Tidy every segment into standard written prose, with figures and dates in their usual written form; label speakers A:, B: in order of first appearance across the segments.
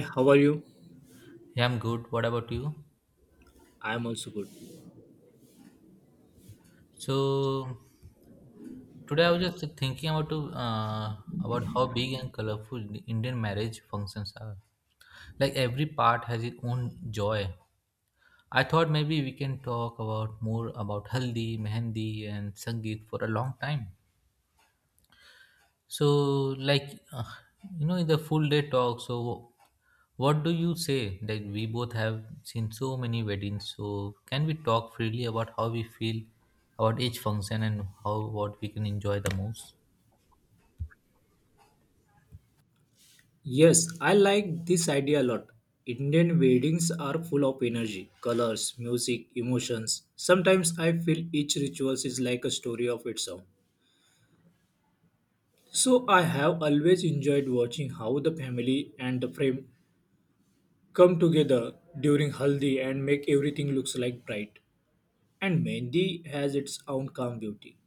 A: How are you?
B: Yeah, I'm good. What about you?
A: I am also good.
B: So today I was just thinking about how big and colorful the Indian marriage functions are. Like every part has its own joy. I thought maybe we can talk about more about haldi, mehendi, and sangeet for a long time. So, like, in the full day talk, so what do you say? Like, we both have seen so many weddings, so can we talk freely about how we feel about each function and how what we can enjoy the most?
A: Yes, I like this idea a lot. Indian weddings are full of energy, colors, music, emotions. Sometimes I feel each ritual is like a story of its own. So I have always enjoyed watching how the family and the frame come together during haldi and make everything looks like bright. And Mendi has its own calm beauty.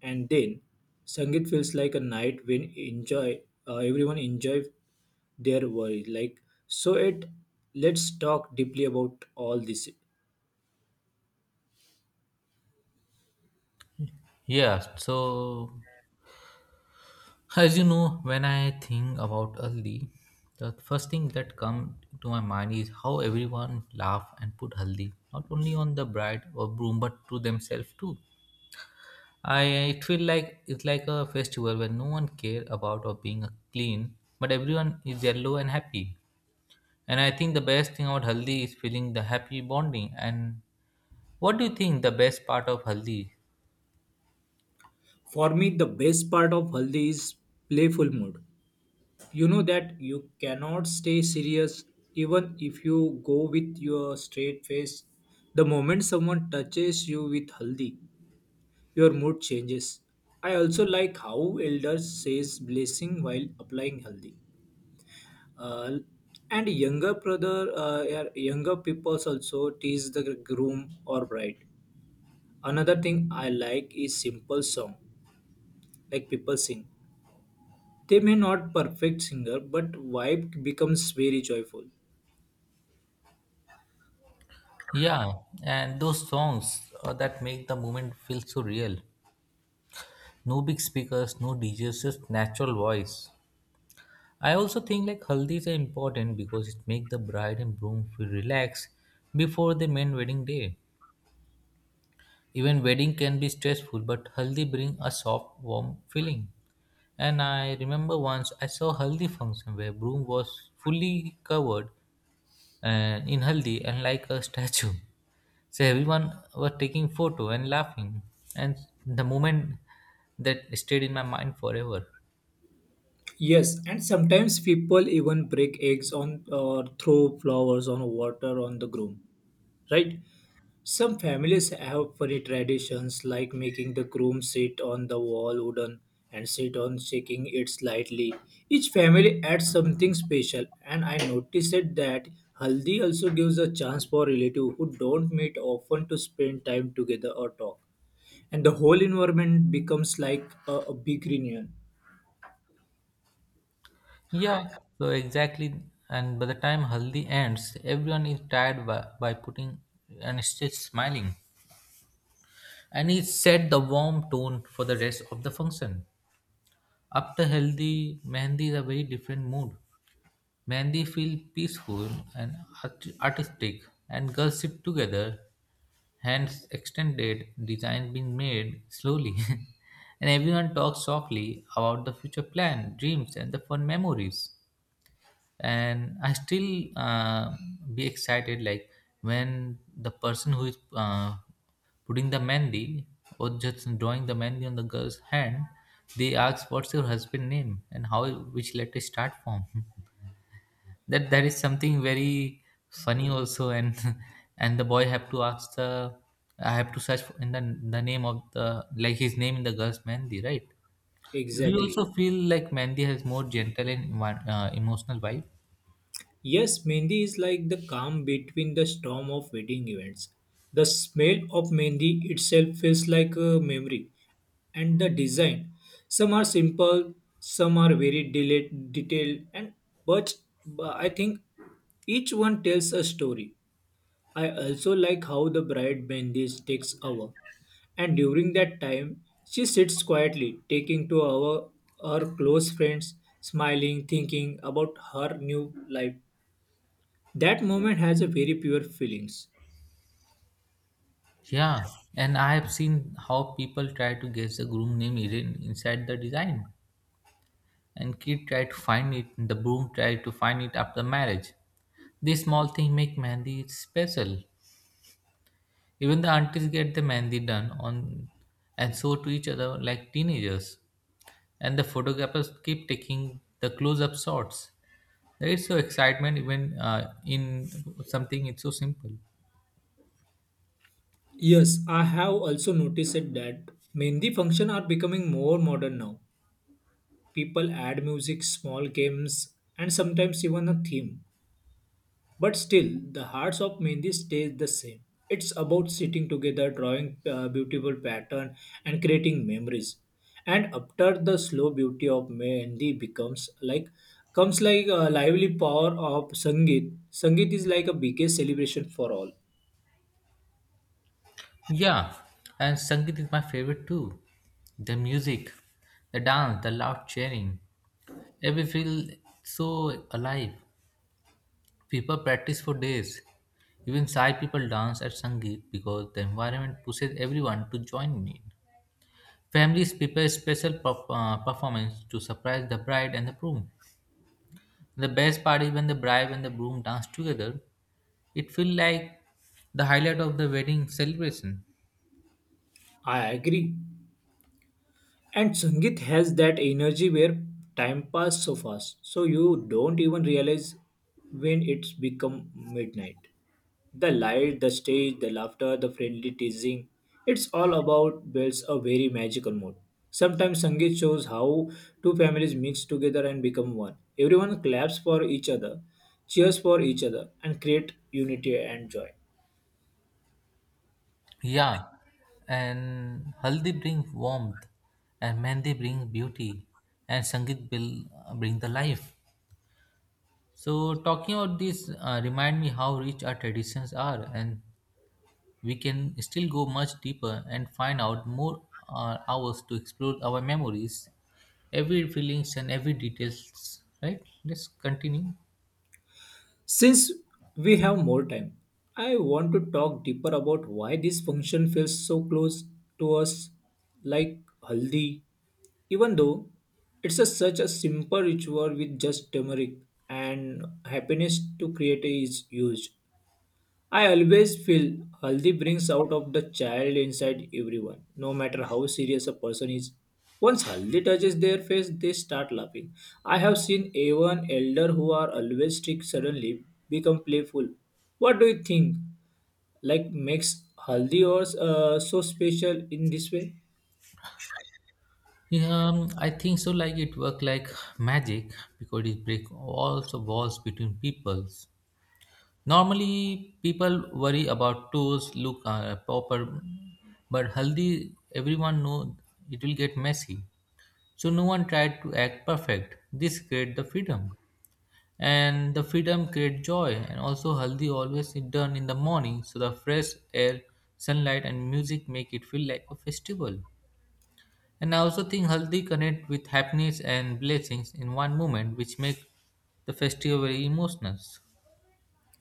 A: And then, Sangeet feels like a night when enjoy everyone enjoy their worry. Like so, it let's talk deeply about all this.
B: Yeah, so as you know, when I think about Haldi, the first thing that comes to my mind is how everyone laugh and put Haldi, not only on the bride or groom, but to themselves too. I it feel like it's like a festival where no one care about or being clean, but everyone is yellow and happy. And I think the best thing about Haldi is feeling the happy bonding. And what do you think the best part of Haldi?
A: For me, the best part of Haldi is playful mood. You know that you cannot stay serious even if you go with your straight face. The moment someone touches you with Haldi, your mood changes. I also like how elders says blessing while applying healthy. Uh, and younger brother, younger people also tease the groom or bride. Another thing I like is simple song, like people sing. They may not perfect singer, but vibe becomes very joyful.
B: Yeah, and those songs that make the moment feel so real. No big speakers, no DJs, just natural voice. I also think like Haldis are important because it makes the bride and groom feel relaxed before the main wedding day. Even wedding can be stressful, but haldi bring a soft, warm feeling. And I remember once I saw haldi function where broom was fully covered and in haldi and like a statue. So everyone was taking photo and laughing, and the moment that stayed in my mind forever.
A: Yes, and sometimes people even break eggs on or throw flowers on water on the groom, right? Some families have funny traditions like making the groom sit on the wall wooden and sit on shaking it slightly. Each family adds something special and I noticed that Haldi also gives a chance for relatives who don't meet often to spend time together or talk. And the whole environment becomes like a big reunion.
B: Yeah, so exactly. And by the time haldi ends, everyone is tired by putting and still smiling. And it set the warm tone for the rest of the function. After healthy, Mehndi is a very different mood. Mehndi feel peaceful and artistic, and girls sit together, hands extended, design being made slowly, and everyone talks softly about the future plan, dreams, and the fun memories. And I still be excited like when the person who is putting the mehndi or just drawing the mehndi on the girl's hand, they ask what's your husband name and how which letter start from. That is something very funny also. And and the boy have to ask the, I have to search in the name of the, like his name in the girl's mehndi, right? So do you
A: Exactly.
B: also feel like mehndi has more gentle and emotional vibe?
A: Yes, Mendi is like the calm between the storm of wedding events. The smell of Mendi itself feels like a memory, and the design. Some are simple, some are very detailed, and but, but I think each one tells a story. I also like how the bride Mendi takes hour, and during that time, she sits quietly, taking to our her close friends, smiling, thinking about her new life that moment has a very pure feelings.
B: Yeah, and I have seen how people try to guess the groom name hidden inside the design. And kid try to find it, and the groom try to find it after marriage. These small things make Mehndi special. Even the aunties get the Mehndi done on and show to each other like teenagers. And the photographers keep taking the close-up shots. There is so excitement even in something it's so simple.
A: Yes, I have also noticed it that Mehndi function are becoming more modern now. People add music, small games, and sometimes even a theme. But still, the hearts of Mehndi stays the same. It's about sitting together, drawing beautiful pattern, and creating memories. And after the slow beauty of Mehndi becomes like comes like a lively power of Sangeet. Sangeet is like a biggest celebration for all.
B: Yeah, and Sangeet is my favorite too. The music, the dance, the loud cheering. Every feel so alive. People practice for days. Even shy people dance at Sangeet because the environment pushes everyone to join in. Families prepare special performance to surprise the bride and the groom. The best part is when the bride and the groom dance together. It feels like the highlight of the wedding celebration.
A: I agree. And Sangeet has that energy where time passes so fast, so you don't even realize when it's become midnight. The light, the stage, the laughter, the friendly teasing, it's all about builds a very magical mood. Sometimes Sangeet shows how two families mix together and become one. Everyone claps for each other, cheers for each other, and create unity and joy.
B: Yeah, and haldi bring warmth, and mehndi bring beauty, and sangeet will bring the life. So talking about this, remind me how rich our traditions are, and we can still go much deeper and find out more hours to explore our memories, every feelings and every details. Right? Let's continue.
A: Since we have more time, I want to talk deeper about why this function feels so close to us, like haldi, even though it's such a simple ritual with just turmeric and happiness to create is used. I always feel Haldi brings out of the child inside everyone, no matter how serious a person is. Once Haldi touches their face, they start laughing. I have seen even elder who are always strict suddenly become playful. What do you think? Like makes Haldi or so special in this way?
B: Yeah, I think so. Like it work like magic because it break all the walls between peoples. Normally, people worry about toes look proper, but haldi, everyone know it will get messy. So no one tried to act perfect. This create the freedom, and the freedom create joy. And also, haldi always is done in the morning, so the fresh air, sunlight, and music make it feel like a festival. And I also think haldi connect with happiness and blessings in one moment, which make the festival very emotional.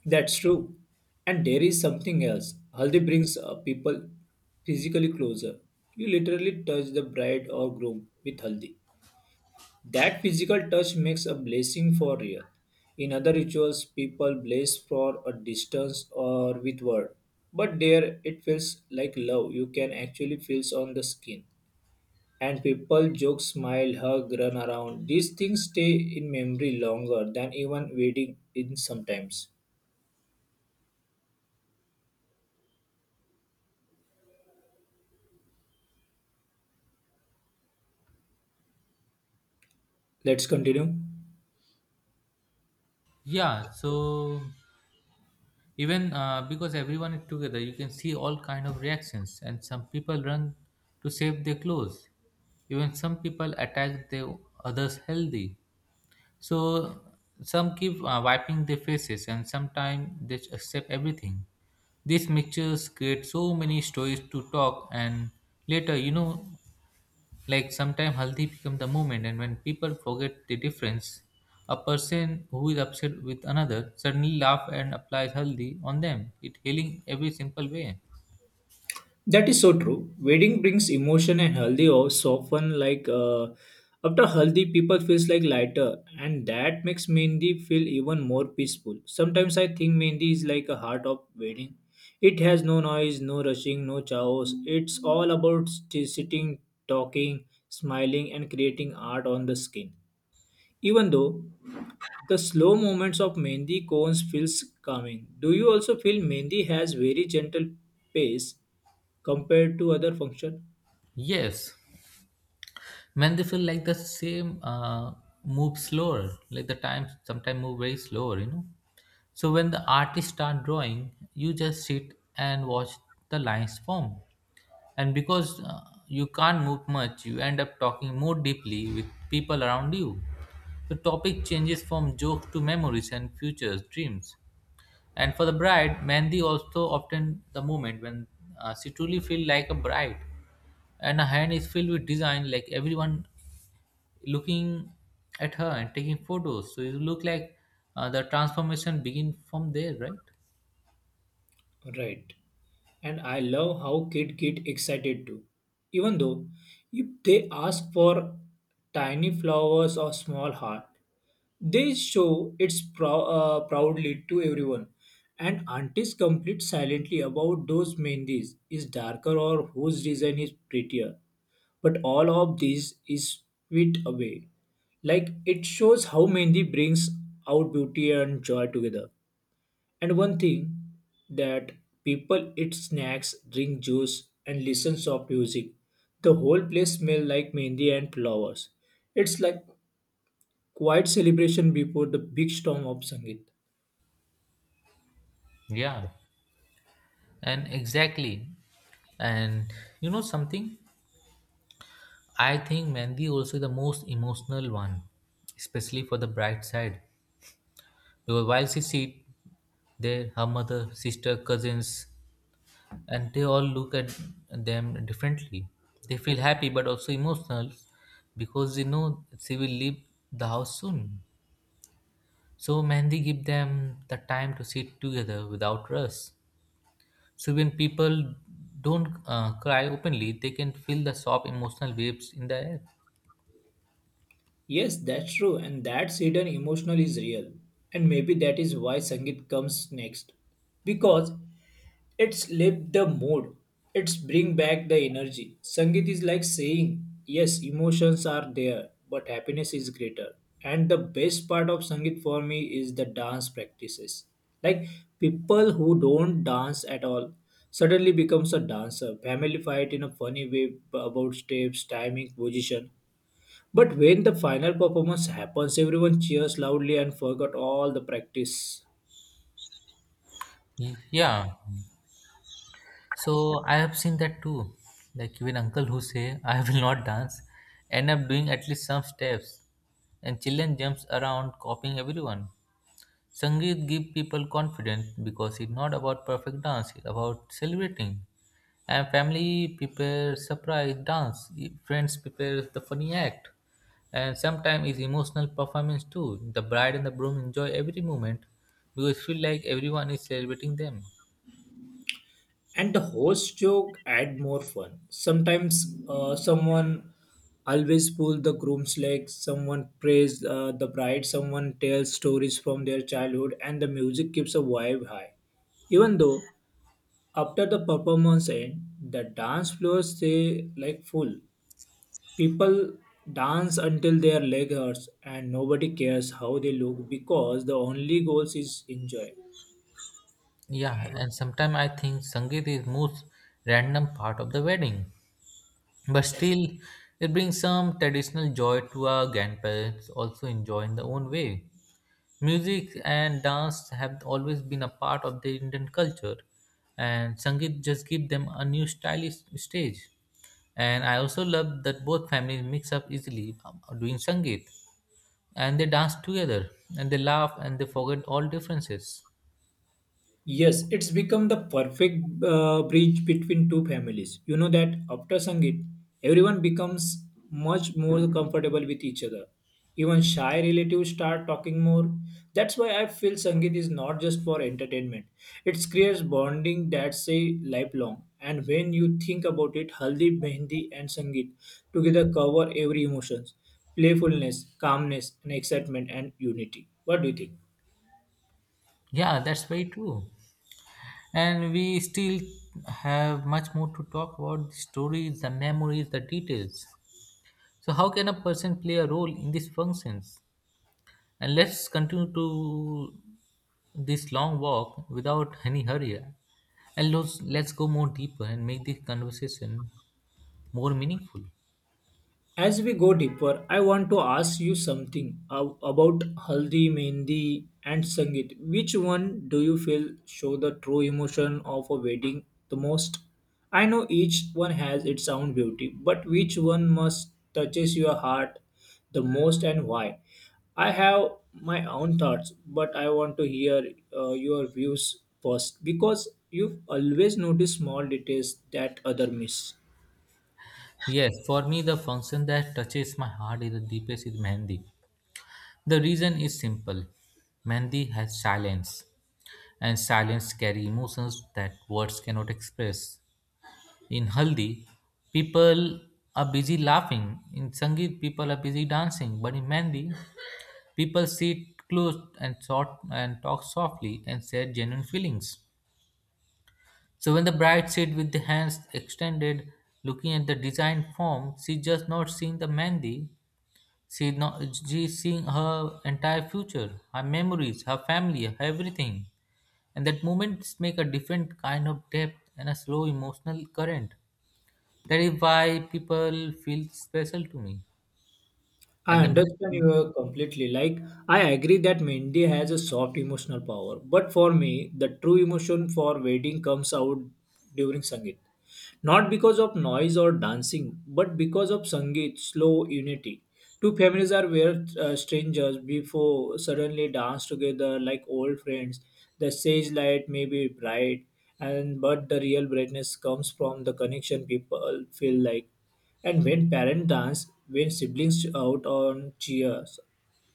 A: That's true. And there is something else. Haldi brings people physically closer. You literally touch the bride or groom with Haldi. That physical touch makes a blessing for real. In other rituals, people bless for a distance or with word. But there it feels like love you can actually feel on the skin. And people joke, smile, hug, run around. These things stay in memory longer than even wedding in sometimes. Let's continue.
B: Yeah, so even because everyone is together, you can see all kind of reactions, and some people run to save their clothes. Even some people attack the others healthy, so some keep wiping their faces, and sometimes they accept everything. These mixtures create so many stories to talk. And later, like sometimes healthy become the movement, and when people forget the difference, a person who is upset with another suddenly laugh and applies healthy on them. It healing every simple way.
A: That is so true. Wedding brings emotion and healthy also often like after healthy people feels like lighter and that makes Mehndi feel even more peaceful. Sometimes I think Mehndi is like a heart of wedding. It has no noise, no rushing, no chaos. It's all about sitting, talking, smiling and creating art on the skin. Even though the slow movements of Mehndi cones feels calming. Do you also feel Mehndi has very gentle pace compared to other function?
B: Yes, when they feel like the same move slower, like the time sometimes move very slower. So when the artist start drawing, you just sit and watch the lines form. And because you can't move much, you end up talking more deeply with people around you. The topic changes from joke to memories and futures dreams. And for the bride mehndi also often the moment when she truly feels like a bride and her hand is filled with design, like everyone looking at her and taking photos, so it look like the transformation begin from there, right?
A: Right. And I love how kid get excited too. Even though if they ask for tiny flowers or small heart, they show it proudly to everyone. And aunties complete silently about those mehndis is darker or whose design is prettier. But all of this is swept away. Like it shows how Mendi brings out beauty and joy together. And one thing that people eat snacks, drink juice, and listen soft music. The whole place smells like Mendi and flowers. It's like quiet celebration before the big storm of Sangeet.
B: Yeah, and exactly. And you know something, I think Mandy also the most emotional one, especially for the bride side. Because while she sit there, her mother, sister, cousins, and they all look at them differently. They feel happy but also emotional because they know she will leave the house soon. So Mandy give them the time to sit together without rush. So when people don't cry openly, they can feel the soft emotional waves in the air.
A: Yes, that's true, and that's hidden emotional is real. And maybe that is why Sangeet comes next. Because it's lift the mood, it's bring back the energy. Sangeet is like saying, yes, emotions are there, but happiness is greater. And the best part of Sangeet for me is the dance practices. Like people who don't dance at all suddenly becomes a dancer. Family fight in a funny way about steps, timing, position but when the final performance happens, everyone cheers loudly and forgot all the practice.
B: Yeah. So I have seen that too. Like even uncle who say I will not dance, end up doing at least some steps, and children jumps around copying everyone. Sangeet give people confidence because it's not about perfect dance; it's about celebrating. And family prepare surprise dance, friends prepare the funny act, and sometimes it's emotional performance too. The bride and the groom enjoy every moment because it feel like everyone is celebrating them.
A: And the host joke add more fun. Sometimes someone always pull the groom's leg, someone praise the bride, someone tells stories from their childhood, and the music keeps a vibe high. Even though after the performance end, the dance floors stay like full. People dance until their leg hurts and nobody cares how they look because the only goal is enjoy.
B: Yeah, and sometimes I think Sangeet is most random part of the wedding. But still, it brings some traditional joy to our grandparents also enjoy in their own way. Music and dance have always been a part of the Indian culture, and Sangeet just give them a new stylish stage. And I also love that both families mix up easily doing Sangeet, and they dance together, and they laugh, and they forget all differences.
A: Yes, it's become the perfect bridge between two families. You know that after Sangeet, everyone becomes much more comfortable with each other. Even shy relatives start talking more. That's why I feel Sangeet is not just for entertainment. It creates bonding that's a lifelong. And when you think about it, Haldi, Mehndi and Sangeet together cover every emotions, playfulness, calmness and excitement and unity. What do you think?
B: Yeah, that's very true. And we still have much more to talk about the stories, the memories, the details. So, how can a person play a role in these functions? And let's continue to this long walk without any hurry. And let's go more deeper and make this conversation more meaningful.
A: As we go deeper, I want to ask you something about Haldi, Mehndi, and Sangeet. Which one do you feel show the true emotion of a wedding the most? I know each one has its own beauty, but which one must touches your heart the most and why? I have my own thoughts, but I want to hear your views first because you always notice small details that other miss.
B: Yes, for me, the function that touches my heart is the deepest is Mehndi. The reason is simple. Mehndi has silence. And silence carry emotions that words cannot express. In Haldi, people are busy laughing. In Sangeet, people are busy dancing. But in Mehndi, people sit close and short and talk softly and share genuine feelings. So when the bride sits with the hands extended, looking at the design form, she just not seeing the Mehndi. She not She is seeing her entire future, her memories, her family, her everything. And that moments make a different kind of depth and a slow emotional current. That is why people feel special to me. And
A: I
B: the
A: understand you completely. Like, I agree that Mehndi has a soft emotional power. But for me, the true emotion for wedding comes out during Sangeet. Not because of noise or dancing, but because of Sangeet, slow unity. Two families are where strangers before suddenly dance together like old friends. The stage light may be bright, and but the real brightness comes from the connection people feel like. And when parents dance, when siblings out on cheers,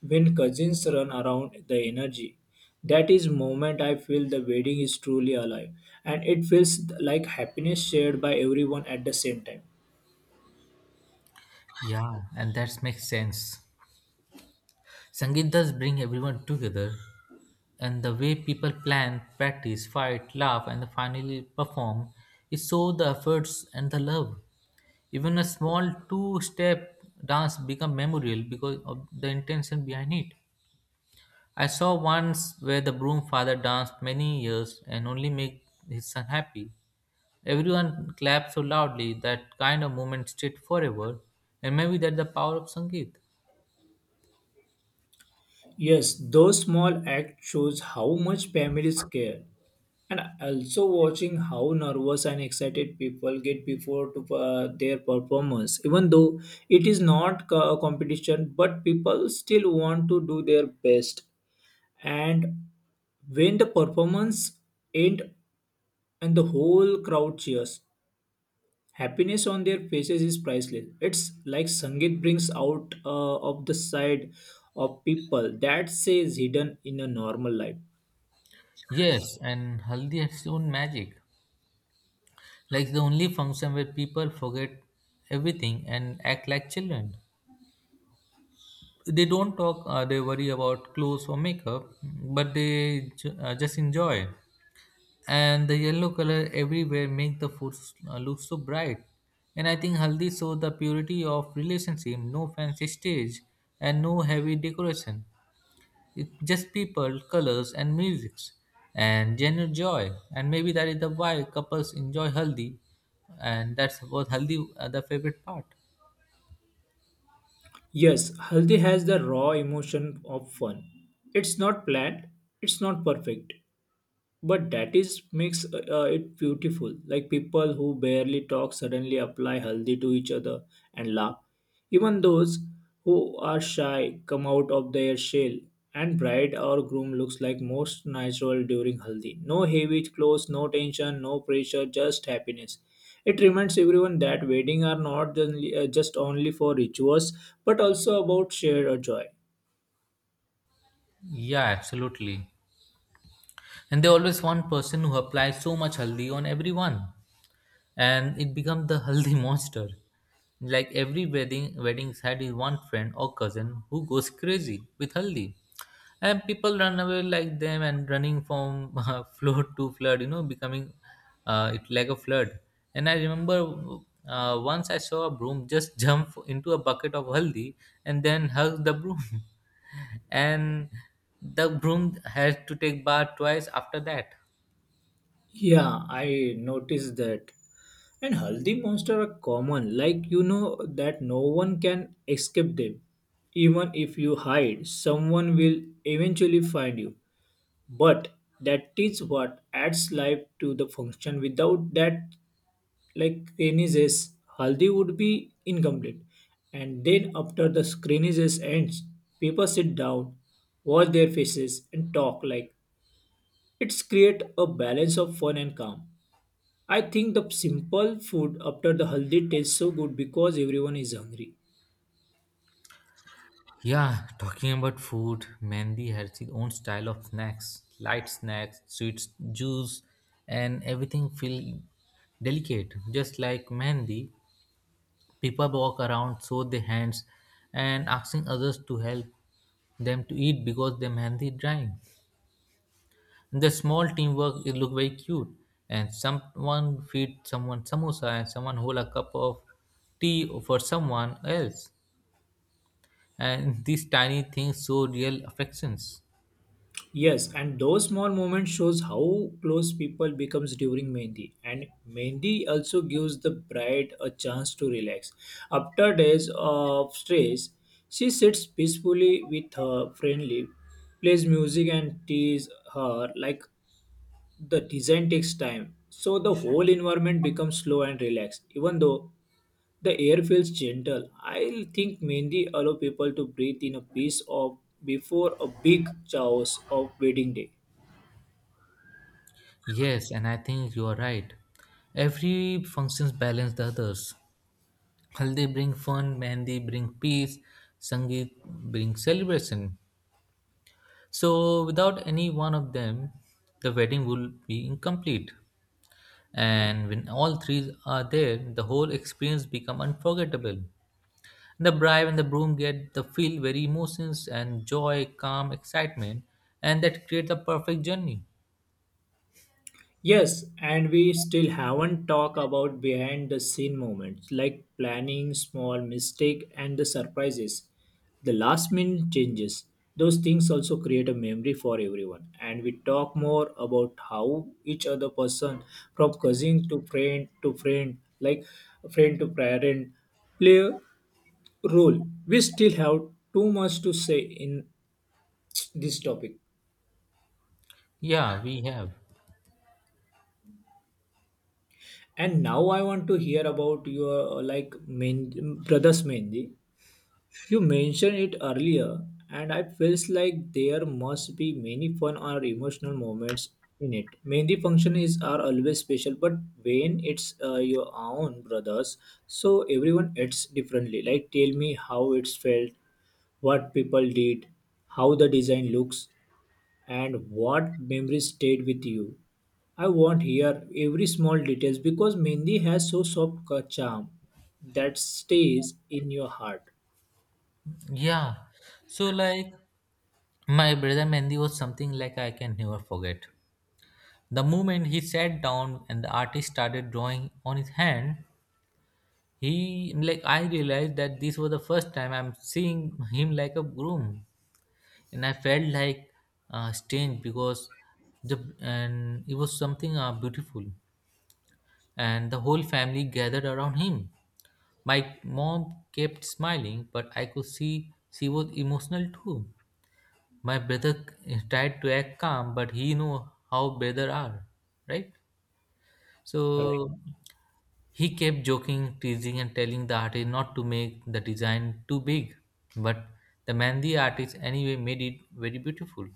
A: when cousins run around the energy, that is moment I feel the wedding is truly alive. And it feels like happiness shared by everyone at the same time.
B: Yeah, and that makes sense. Sangeet does bring everyone together, and the way people plan, practice, fight, laugh, and finally perform is so the efforts and the love. Even a small two step dance become memorial because of the intention behind it. I saw once where the broom father danced many years and only made his son happy. Everyone clapped so loudly. That kind of moment stayed forever, and maybe that's the power of Sangeet.
A: Yes, those small acts shows how much families care. And also watching how nervous and excited people get before to their performance. Even though it is not a competition, but people still want to do their best. And when the performance ends and the whole crowd cheers, happiness on their faces is priceless. It's like Sangeet brings out of the side of people that says hidden in a normal life.
B: Yes, and Haldi has its own magic. Like the only function where people forget everything and act like children. They don't talk, they worry about clothes or makeup, but they just enjoy. And the yellow color everywhere make the food look so bright. And I think haldi shows the purity of relationship, no fancy stage and no heavy decoration, it just people, colors, and music, and genuine joy. And maybe that is the why couples enjoy haldi, and that's what haldi the favorite part.
A: Yes, Haldi has the raw emotion of fun. It's not planned, it's not perfect, but that is makes it beautiful like people who barely talk suddenly apply haldi to each other and laugh even those who are shy come out of their shell and bride or groom looks like most natural during haldi no heavy clothes no tension no pressure just happiness it reminds everyone that wedding are not only- just only for rituals but also about shared joy.
B: Yeah, absolutely. And there always one person who applies so much haldi on everyone, and it becomes the haldi monster. Like every wedding, weddings had his one friend or cousin who goes crazy with haldi, and people run away like them and running from flood to flood. Becoming it like a flood. And I remember once I saw a broom just jump into a bucket of haldi and then hug the broom, and the broom had to take bath twice after that.
A: Yeah, I noticed that. And Haldi monster are common, like you know that no one can escape them. Even if you hide, someone will eventually find you. But that is what adds life to the function. Without that, like screenages, Haldi would be incomplete. And then after the screenages ends, people sit down, watch their faces, and talk like it's create a balance of fun and calm. I think the simple food after the haldi tastes so good because everyone is hungry.
B: Yeah, talking about food, Mandy has its own style of snacks, light snacks, sweets, juice, and everything feel delicate. Just like Mandy, people walk around, show their hands, and asking others to help them to eat because their Mandy is drying. The small teamwork it look very cute, and someone feed someone samosa and someone hold a cup of tea for someone else. And these tiny things show real affections.
A: Yes, and those small moments shows how close people becomes during Mehndi. And Mehndi also gives the bride a chance to relax. After days of stress, she sits peacefully with her friendly, plays music and teases her like the design takes time. So the whole environment becomes slow and relaxed. Even though the air feels gentle. I think mainly allow people to breathe in a peace of before a big chaos of wedding day.
B: Yes, and I think you are right. Every functions balance the others. Haldi bring fun, Mehndi bring peace, Sangeet bring celebration. So without any one of them, the wedding will be incomplete. And when all three are there, the whole experience become unforgettable. The bride and the groom get the feel very emotions and joy, calm, excitement, and that create the perfect journey.
A: Yes, and we still haven't talked about behind the scene moments like planning, small mistake, and the surprises. The last minute changes. Those things also create a memory for everyone. And we talk more about how each other person, from cousin to friend, like friend to parent, play role. We still have too much to say in this topic.
B: Yeah, we have.
A: And now I want to hear about your brothers Mendi. You mentioned it earlier, and I feels like there must be many fun or emotional moments in it. Mendi function is are always special, but when it's your own brothers, so everyone acts differently. Like tell me how it's felt, what people did, how the design looks, and what memories stayed with you. I want here every small details because Mendi has so soft charm that stays in your heart.
B: Yeah. So like my brother Mendy was something like I can never forget. The moment he sat down and the artist started drawing on his hand, he like I realized that this was the first time I'm seeing him like a groom, and I felt like strange because the and it was something beautiful, and the whole family gathered around him. My mom kept smiling, but I could see she was emotional too. My brother tried to act calm, but he knew how brother are, right?
A: Right.
B: So he kept joking, teasing, and telling the artist not to make the design too big, but the mandi artist anyway made it very beautiful,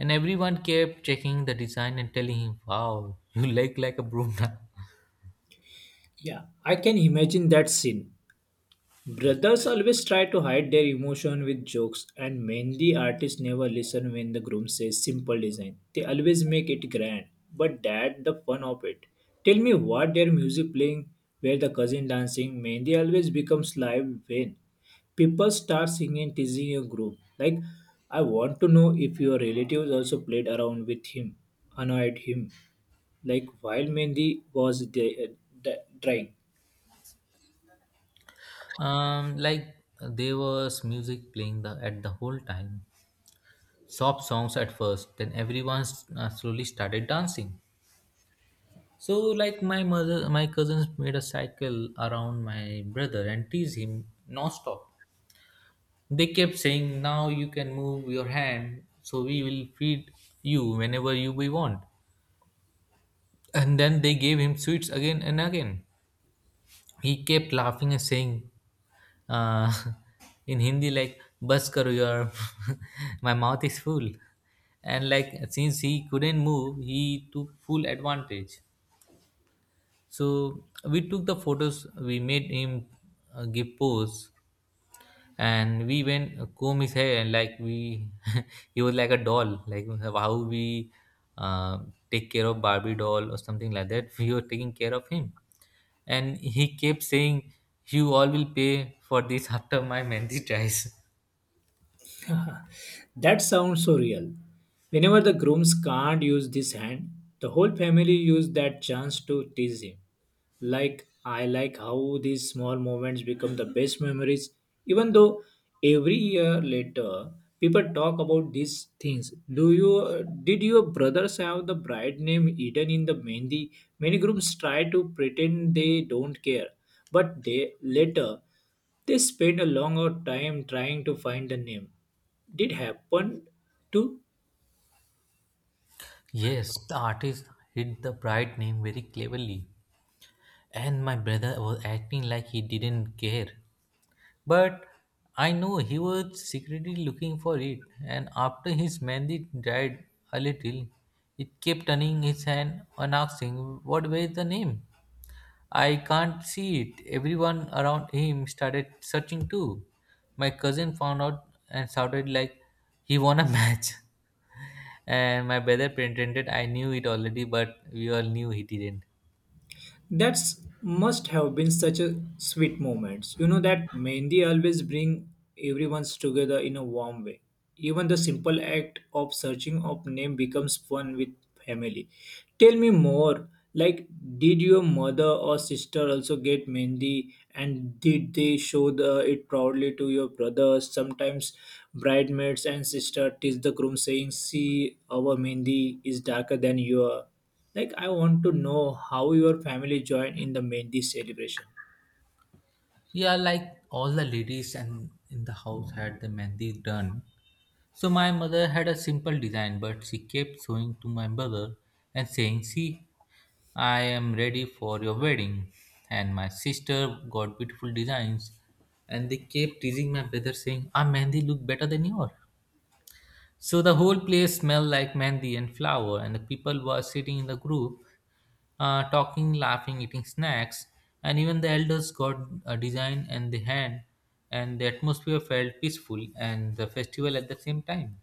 B: and everyone kept checking the design and telling him, wow, you like a broom now."
A: Yeah, I can imagine that scene. Brothers always try to hide their emotion with jokes, and many artists never listen when the groom says simple design. They always make it grand, but that the fun of it. Tell me what their music playing, where the cousin dancing, Mehndi always becomes live when people start singing, teasing a group. Like, I want to know if your relatives also played around with him, annoyed him, like while Mehndi was drying.
B: Like there was music playing the at the whole time, soft songs at first, then everyone slowly started dancing. So, like my mother, my cousins made a cycle around my brother and teased him non-stop. They kept saying, "Now you can move your hand, so we will feed you whenever you we want." And then they gave him sweets again and again. He kept laughing and saying, uh, in Hindi, like "Bas karo yaar, my mouth is full." And like since he couldn't move, he took full advantage. So we took the photos. We made him give pose, and we went comb his hair and like we, he was like a doll. Like how we uh, take care of Barbie doll or something like that. We were taking care of him, and he kept saying, "You all will pay for this after my mehndi tries."
A: That sounds so real. Whenever the grooms can't use this hand, the whole family use that chance to tease him. Like I like how these small moments become the best memories, even though every year later people talk about these things. Do you did your brothers have the bride name hidden in the mehndi? Many grooms try to pretend they don't care, but they later they spent a long time trying to find the name. Did happen to
B: Yes, the artist hid the bride name very cleverly, and my brother was acting like he didn't care. But I know he was secretly looking for it, and after his mandate dried a little, it kept turning his hand and asking, what were the name? I can't see it. Everyone around him started searching too. My cousin found out and shouted like he won a match. And my brother pretended I knew it already, but we all knew he didn't.
A: That's must have been such a sweet moment. You know that Mehndi always bring everyone's together in a warm way. Even the simple act of searching of name becomes fun with family. Tell me more. Like, did your mother or sister also get Mehndi, and did they show the, it proudly to your brothers? Sometimes bridesmaids and sister tease the groom, saying, "See, our Mehndi is darker than your." Like, I want to know how your family joined in the Mehndi celebration.
B: Yeah, like all the ladies and in the house had the mehndi done. So my mother had a simple design, but she kept showing to my brother and saying, "See, I am ready for your wedding." And my sister got beautiful designs, and they kept teasing my brother, saying, "Our mehndi look better than yours." So the whole place smelled like mehndi and flower, and the people were sitting in the group, talking, laughing, eating snacks, and even the elders got a design and the hand, and the atmosphere felt peaceful and the festival at the same time.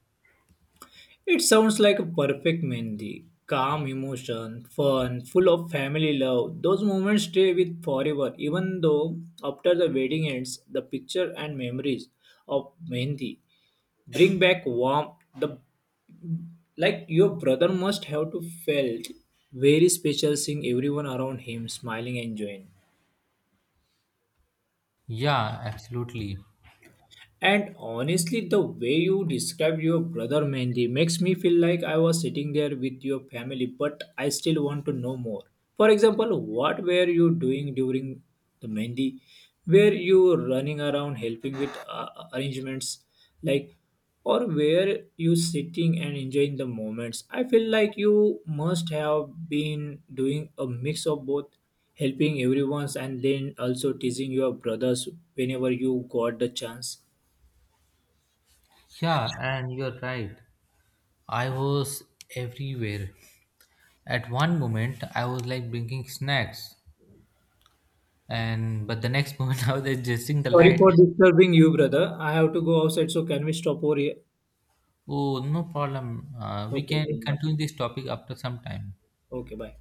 A: It sounds like a perfect Mehndi. Calm emotion, fun, full of family love. Those moments stay with forever, even though after the wedding ends, the picture and memories of Mehndi bring back warmth. The like your brother must have to felt very special seeing everyone around him smiling and enjoying.
B: Yeah, absolutely.
A: And honestly, the way you described your brother Mehndi makes me feel like I was sitting there with your family, but I still want to know more. For example, what were you doing during the Mehndi? Were you running around helping with arrangements? Like, or were you sitting and enjoying the moments? I feel like you must have been doing a mix of both, helping everyone's and then also teasing your brothers whenever you got the chance.
B: Yeah, and you're right. I was everywhere. At one moment, I was like bringing snacks, and but the next moment, I was adjusting the
A: Sorry
B: light.
A: for disturbing you, brother. I have to go outside, so can we stop over here?
B: Oh, no problem. We
A: Okay,
B: can
A: then bye.
B: continue this topic after some time.
A: Okay, bye.